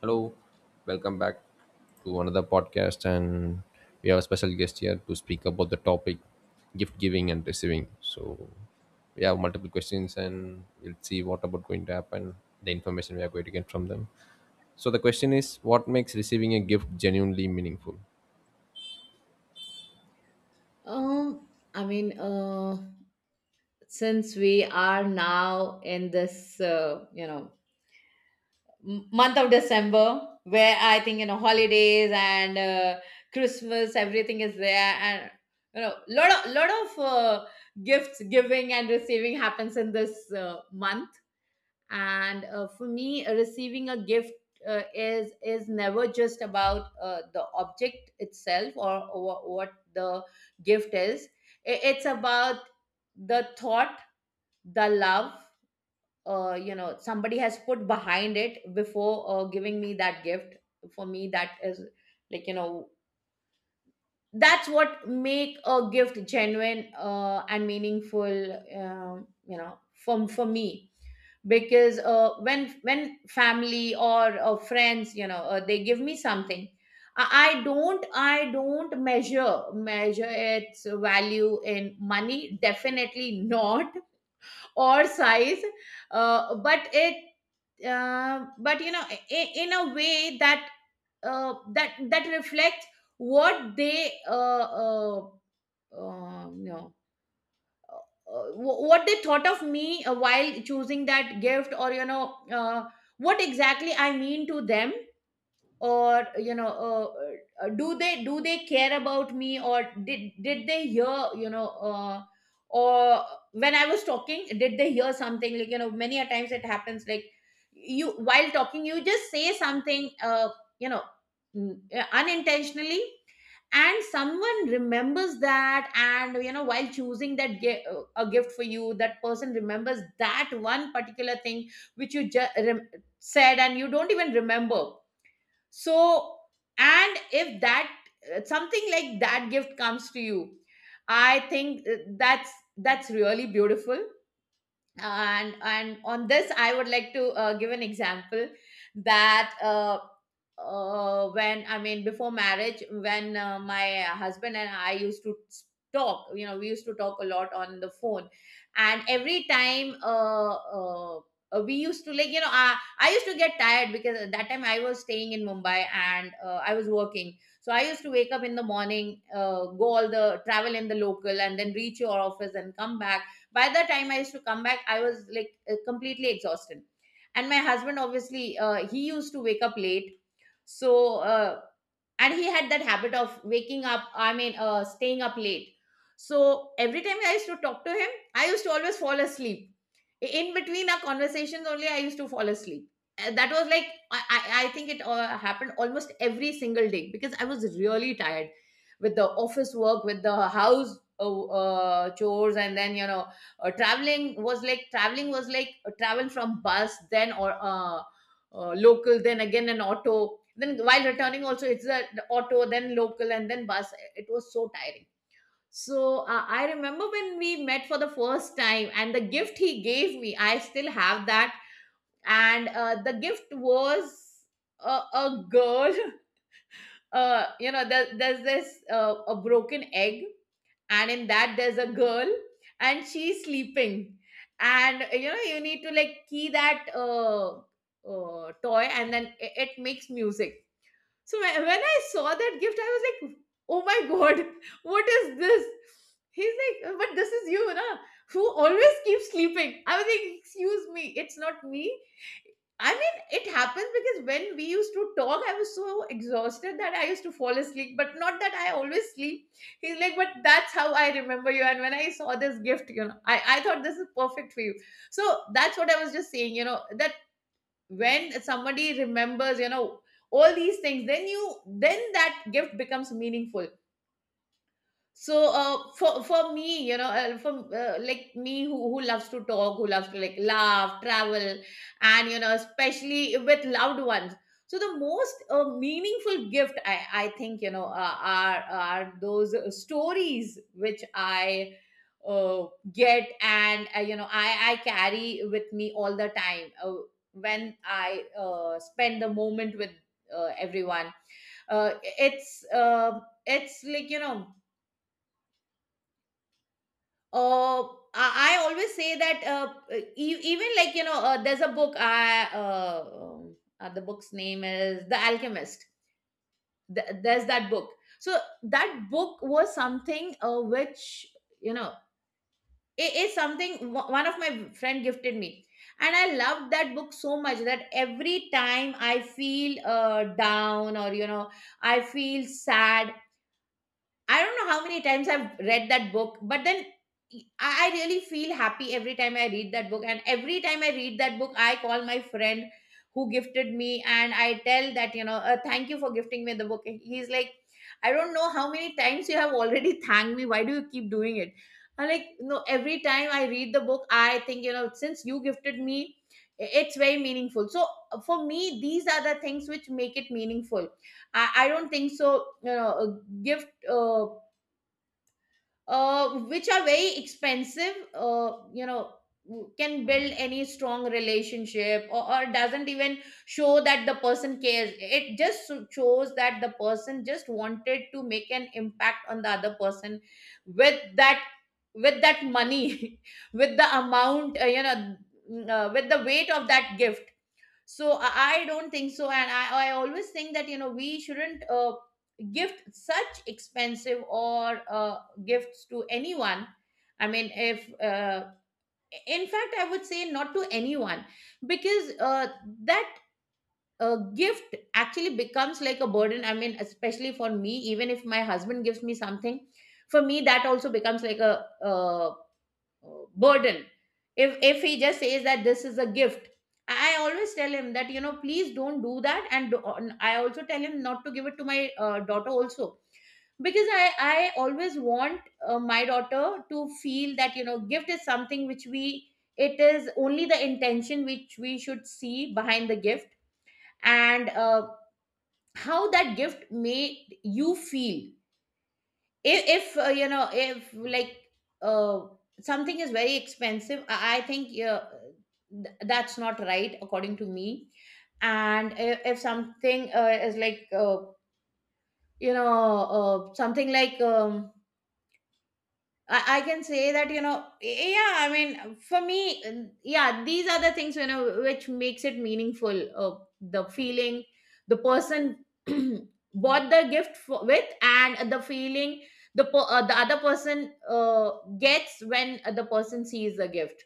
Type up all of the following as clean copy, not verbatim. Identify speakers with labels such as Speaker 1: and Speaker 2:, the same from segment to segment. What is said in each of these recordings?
Speaker 1: Hello, welcome back to another podcast, and we have a special guest here to speak about the topic gift giving and receiving. So we have multiple questions, and we'll see what about going to happen, the information we are going to get from them. So the question is, what makes receiving a gift genuinely meaningful?
Speaker 2: Um, I mean, since we are now in this, month of December, where I think, holidays and Christmas, everything is there, and lot of gifts giving and receiving happens in this month. And for me, receiving a gift is never just about the object itself, or what the gift is. It's about the thought, the love somebody has put behind it before giving me that gift. For me, that is, like, that's what make a gift genuine and meaningful, for me, because when family or friends, they give me something, I, I don't measure its value in money, definitely not or size, uh, but it but in a way that that reflects what they uh, uh, uh, what they thought of me while choosing that gift, or what exactly I mean to them. Or do they care about me? Or did they hear, or when I was talking, did they hear something? Like, many a times it happens, like, you, while talking, you just say something you know unintentionally, and someone remembers that. And while choosing that a gift for you, that person remembers that one particular thing which you just said, and you don't even remember. So and if that something like that gift comes to you, I think that's really beautiful. And on this, I would like to give an example. That When, I mean, before marriage, when my husband and I used to talk, we used to talk a lot on the phone. And every time, we used to like you know I used to get tired, because at that time I was staying in Mumbai, and I was working. So I used to wake up in the morning, go all the travel in the local and then reach your office and come back. By the time I used to come back, I was like, completely exhausted. And my husband, obviously, he used to wake up late. So uh, and he had that habit of waking up, I mean, staying up late. So every time I used to talk to him, I used to always fall asleep. In between our conversations only, I used to fall asleep. That was, like, I think it happened almost every single day because I was really tired, with the office work, with the house chores, and then traveling was like travel from bus, then, or local, then again an auto. Then while returning, also, it's a the auto, then local, and then bus. It was so tiring. So, I remember when we met for the first time, and the gift he gave me, I still have that. And the gift was a girl. There, there's this a broken egg, and in that, there's a girl, and she's sleeping. And you need to, like, key that toy, and then it makes music. So when I saw that gift, I was like, "Oh my god!" What is this? He's like, "But this is you na, who always keeps sleeping." I was like, "Excuse me, it's not me. I mean, it happens because when we used to talk, I was so exhausted that I used to fall asleep. But not that I always sleep." He's like, "But that's how I remember you. And when I saw this gift, I thought this is perfect for you." So that's what I was just saying, that when somebody remembers, all these things, then that gift becomes meaningful. So, for me, for like me, who loves to talk, who loves to, like, laugh, travel, and you know especially with loved ones. So the most meaningful gift, I think, are those stories which I uh, get, and I carry with me all the time, when I spend the moment with everyone. uh, it's uh, it's like, uh, I always say that, even, like, there's a book. I The book's name is The Alchemist. There's that book. So that book was something which, you know it is something one of my friend gifted me, and I loved that book so much that every time I feel down, or I feel sad, I don't know how many times I've read that book, but then I really feel happy every time I read that book. And every time I read that book, I call my friend who gifted me, and I tell that, "Thank you for gifting me the book." And he's like, "I don't know how many times you have already thanked me. Why do you keep doing it?" I'm like, "No, every time I read the book, I think, since you gifted me, it's very meaningful." So, for me, these are the things which make it meaningful. I don't think so, a gift, uh, which are very expensive, can build any strong relationship, or doesn't even show that the person cares. It just shows that the person just wanted to make an impact on the other person with that, money, with the amount, with the weight of that gift. So, I don't think so. And I always think that, we shouldn't gift such expensive or gifts to anyone. I mean, if in fact, I would say not to anyone, because, that uh, gift actually becomes like a burden. I mean, especially for me, even if my husband gives me something, for me that also becomes like a burden. If he just says that this is a gift, I always tell him that, please don't do that. And I also tell him not to give it to my daughter also, because I always want my daughter to feel that, gift is something which we it is only the intention which we should see behind the gift, and how that gift made you feel. If, if uh, you know if like uh, something is very expensive, I think, yeah, that's not right, according to me. And if something is like, you know something like, I can say that, yeah, I mean, for me, yeah, these are the things, which makes it meaningful, the feeling the person bought the gift for, with, and the feeling the other person gets when the person sees the gift.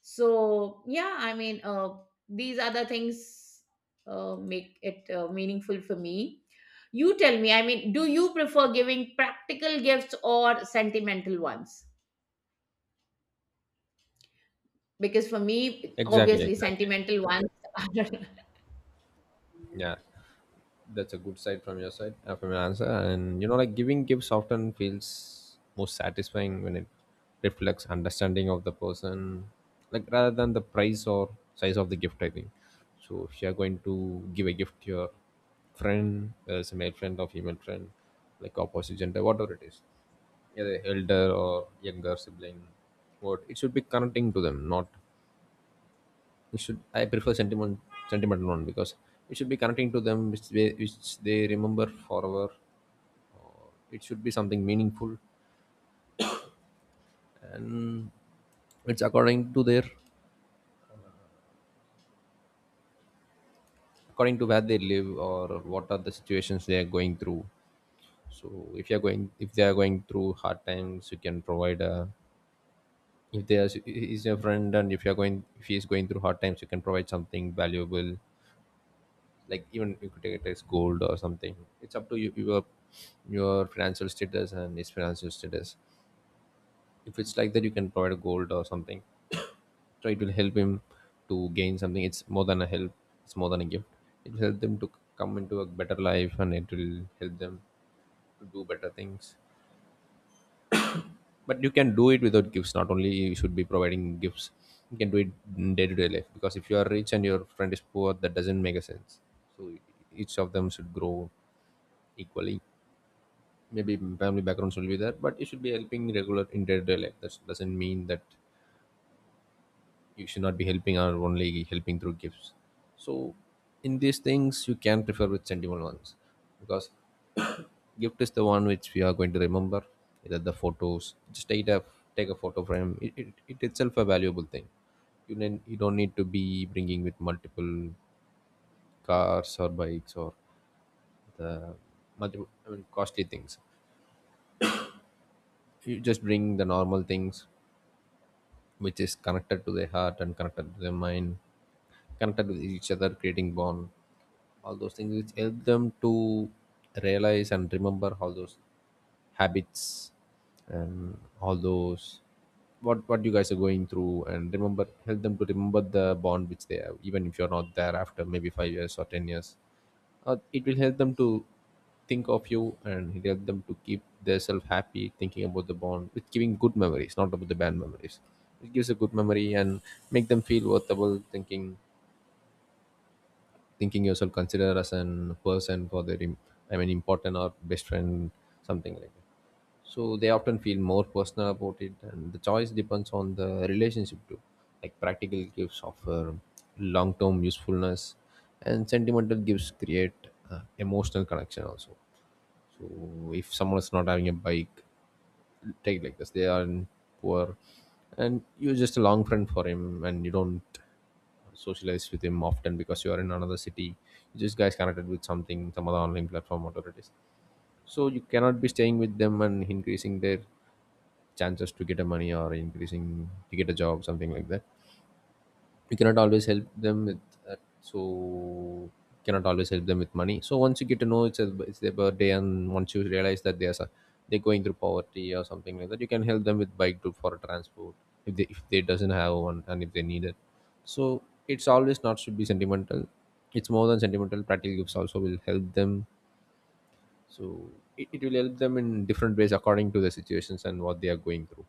Speaker 2: So, yeah, I mean, these are the things make it meaningful for me. You tell me, I mean, do you prefer giving practical gifts or sentimental ones? Because for me,
Speaker 1: Exactly,
Speaker 2: obviously,
Speaker 1: exactly.
Speaker 2: sentimental ones are.
Speaker 1: Yeah, that's a good side from your answer, and you know, like giving gifts often feels more satisfying when it reflects understanding of the person, like rather than the price or size of the gift, I think. So if you're going to give a gift to your friend, whether it's a male friend or female friend, like opposite gender, whatever it is, either elder or younger sibling, what it should be connecting to them, not it should, I prefer sentimental one, because it should be connecting to them which they remember forever. It should be something meaningful, and it's according to their, according to where they live or what are the situations they are going through. So if you're going, if they are going through hard times, you can provide a, if they are, is your friend, and if you're going, if he is going through hard times, you can provide something valuable, like even you could take it as gold or something. It's up to you, your financial status and his financial status. If it's like that, you can provide gold or something. So it will help him to gain something. It's more than a help, it's more than a gift. It will help them to come into a better life, and it will help them to do better things. But you can do it without gifts, not only you should be providing gifts. You can do it in day-to-day life, because if you are rich and your friend is poor, that doesn't make a sense. So each of them should grow equally. Maybe family backgrounds will be there, but you should be helping regular in day-to-day life. That doesn't mean that you should not be helping or only helping through gifts. So in these things, you can prefer with sentimental ones, because gift is the one which we are going to remember, either the photos. Just take a photo frame, it itself a valuable thing. You, then you don't need to be bringing with multiple cars or bikes or the multiple, I mean, costly things. You just bring the normal things which is connected to the heart and connected to the mind, connected with each other, creating bond. All those things which help them to realize and remember all those habits, and all those what you guys are going through, and remember, help them to remember the bond which they have, even if you're not there after maybe 5 years or 10 years. It will help them to think of you, and it help them to keep themselves happy thinking about the bond with giving good memories, not about the bad memories. It gives a good memory and make them feel worthwhile, thinking yourself, consider as an person for their I mean important or best friend, something like that. So they often feel more personal about it, and the choice depends on the relationship too. Like practical gifts offer long-term usefulness, and sentimental gifts create emotional connection also. So if someone is not having a bike, take like this, they are in poor, and you're just a long friend for him, and you don't socialize with him often because you are in another city. You just guys connected with something, some other online platform, whatever it is. So you cannot be staying with them and increasing their chances to get a money, or increasing to get a job, something like that. You cannot always help them with that. So cannot always help them with money. So once you get to know it's, a, it's their birthday, and once you realize that they are they're going through poverty or something like that, you can help them with bike to for transport if they doesn't have one and if they need it. So it's always not should be sentimental. It's more than sentimental, practical gifts also will help them. So it will help them in different ways according to the situations and what they are going through.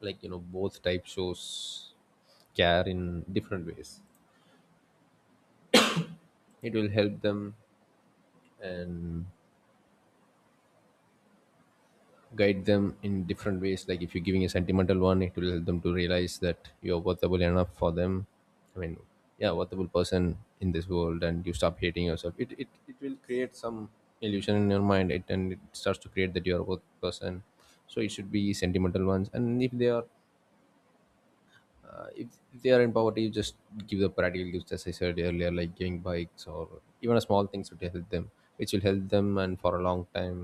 Speaker 1: Like, you know, both type shows care in different ways. It will help them and guide them in different ways. Like if you're giving a sentimental one, it will help them to realize that you're worthable enough for them. I mean, yeah, worthable person in this world, and you stop hating yourself. It will create some illusion in your mind, and it starts to create that you're a worth person. So it should be sentimental ones. And if they are, if they are in poverty, you just give the practical gifts, as I said earlier, like giving bikes or even a small things would help them, which will help them and for a long time.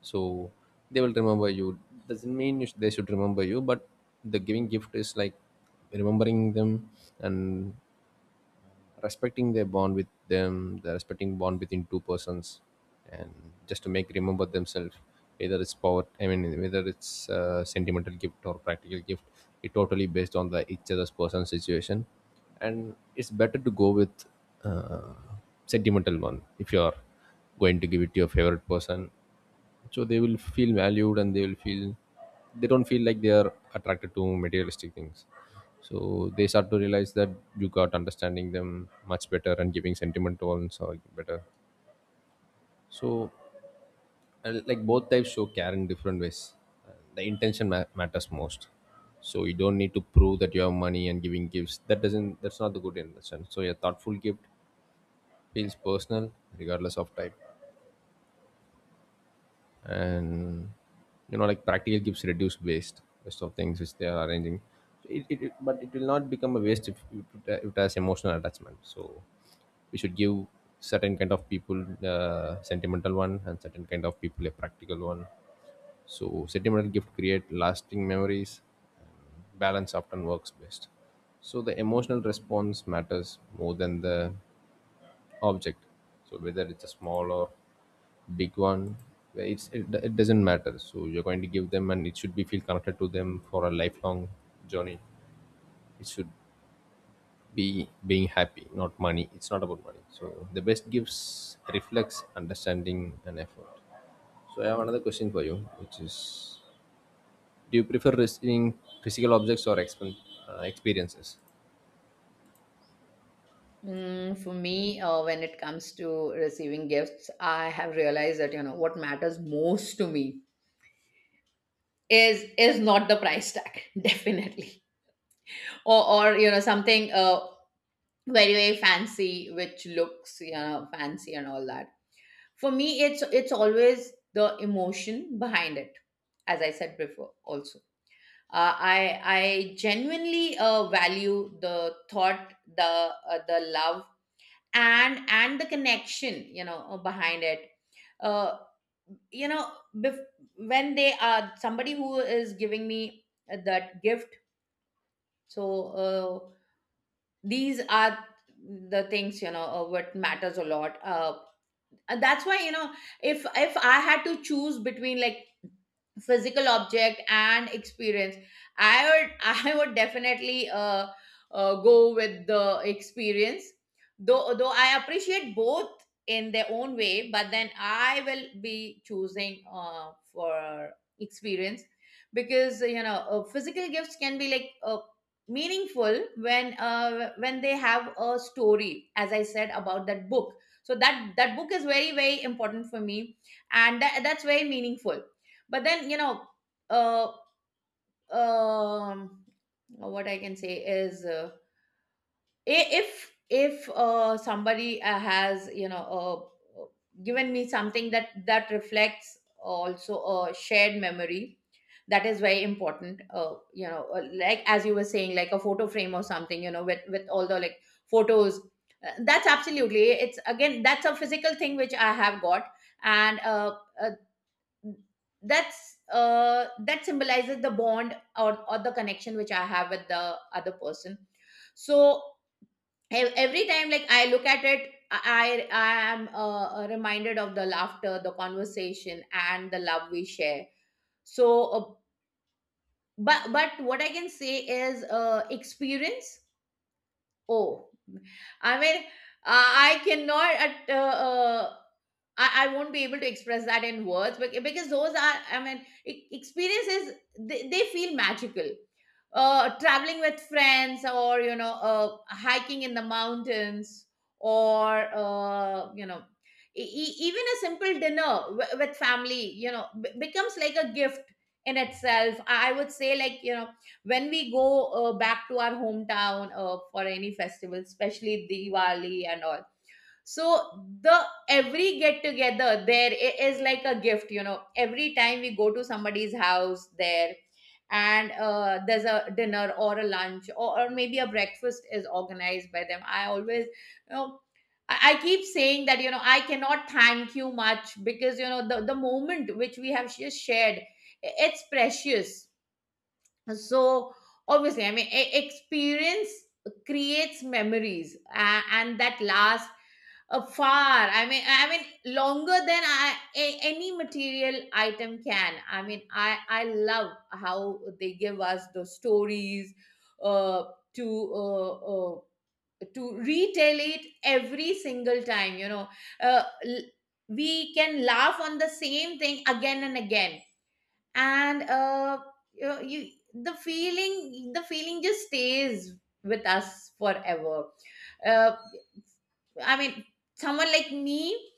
Speaker 1: So they will remember you. Doesn't mean you they should remember you, but the giving gift is like remembering them and respecting their bond with them, the respecting bond between two persons, and just to make remember themselves, whether it's power, I mean, whether it's a sentimental gift or practical gift, it totally based on the each other's person situation. And it's better to go with uh, sentimental one if you are going to give it to your favorite person. So they will feel valued, and they will feel they don't feel like they are attracted to materialistic things. So they start to realize that you got understanding them much better, and giving sentiment to all so better. So, and like both types show care in different ways. The intention matters most. So you don't need to prove that you have money and giving gifts. That doesn't, that's not the good intention. So a thoughtful gift feels personal regardless of type. And, you know, like practical gives reduced waste of things which they are arranging. But it will not become a waste if it has emotional attachment. So we should give certain kind of people sentimental one, and certain kind of people a practical one. So sentimental gift create lasting memories. Balance often works best. So the emotional response matters more than the object. So whether it's a small or big one, it, it doesn't matter. So you're going to give them, and it should be feel connected to them for a lifelong journey. It should be being happy, not money. It's not about money. So the best gifts reflects understanding and effort. So I have another question for you, which is, do you prefer receiving physical objects or experiences?
Speaker 2: For me, when it comes to receiving gifts, I have realized that, what matters most to me is not the price tag, definitely, or something, very very fancy, which looks, fancy and all that. For me, it's always the emotion behind it. As I said before also, I genuinely value the thought, the love, and the connection, behind it. Uh, you know, bef- when they are somebody who is giving me that gift, so uh, these are the things, what matters a lot. And that's why if I had to choose between, like, physical object and experience, I would I would definitely go with the experience. Though I appreciate both in their own way, but then I will be choosing for experience, because physical gifts can be, like, meaningful when when they have a story, as I said about that book. So that book is very, very important for me, and that's very meaningful. But then, uh um what I can say is, if somebody has, uh, given me something that reflects also a shared memory, that is very important, like as you were saying, like a photo frame or something, with all the, like, photos. That's absolutely, it's again, that's a physical thing which I have got. And uh, uh, that symbolizes the bond, or the connection which I have with the other person. So every time, like, I look at it, I am reminded of the laughter, the conversation and the love we share. So uh, but but what I can say is, experience. Oh, I mean, I cannot. I won't be able to express that in words, but because those are, I mean, experiences, they feel magical. Traveling with friends, or, hiking in the mountains, or even a simple dinner with family, becomes like a gift in itself. I would say, when we go back to our hometown for any festival, especially Diwali and all. So the every get together there is like a gift. You know, every time we go to somebody's house there, and there's a dinner or a lunch, or maybe a breakfast is organized by them, I always, I keep saying that, I cannot thank you much, because the moment which we have just shared, it's precious. So obviously, I mean, experience creates memories, and that lasts far, I mean, longer than any material item can. I mean, I love how they give us the stories uh, to uh, uh, to retell it every single time, you know uh, l- we can laugh on the same thing again and again. And uh, you, know, you the feeling just stays with us forever. uh, I mean, someone like me,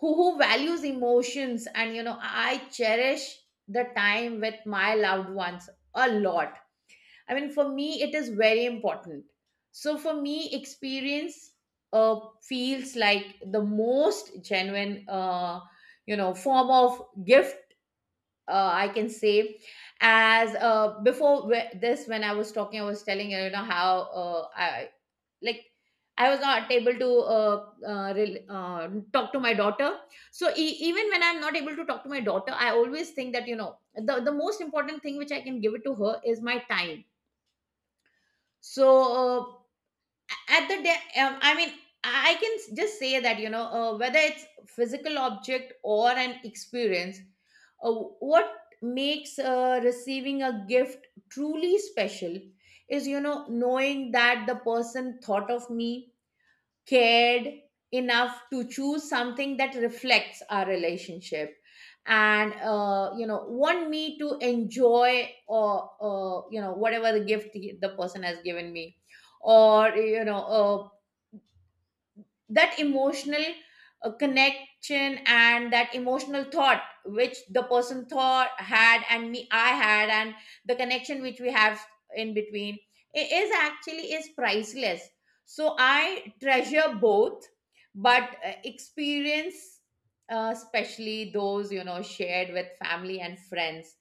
Speaker 2: who values emotions, and I cherish the time with my loved ones a lot. I mean, for me it is very important. So for me, experience feels like the most genuine, form of gift, I can say. As uh, before whe- this when I was talking, I was telling you, you know how I , like, I was not able to talk to my daughter. So even when I'm not able to talk to my daughter, I always think that, the most important thing which I can give it to her is my time. So, at the day, I mean, I can just say that, whether it's physical object or an experience, what makes receiving a gift truly special, is, knowing that the person thought of me, cared enough to choose something that reflects our relationship, and want me to enjoy, or whatever the gift the person has given me, or that emotional connection, and that emotional thought which the person thought had, and me I had, and the connection which we have in between, is actually is priceless. So I treasure both, but experience, especially those, shared with family and friends,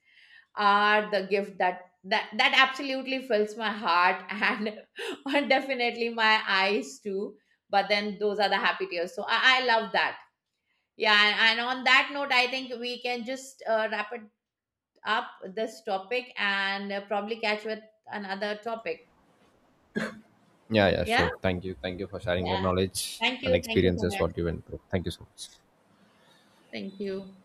Speaker 2: are the gift that absolutely fills my heart, and and definitely my eyes too. But then those are the happy tears, so I love that. Yeah. And on that note, I think we can just wrap it up, this topic, and probably catch with another topic.
Speaker 1: Yeah, yeah,
Speaker 2: Yeah,
Speaker 1: sure. Thank you, thank you for sharing your
Speaker 2: yeah,
Speaker 1: knowledge
Speaker 2: thank
Speaker 1: and
Speaker 2: you, thank you so
Speaker 1: experiences,
Speaker 2: much.
Speaker 1: what you went through. Thank you so much.
Speaker 2: Thank you.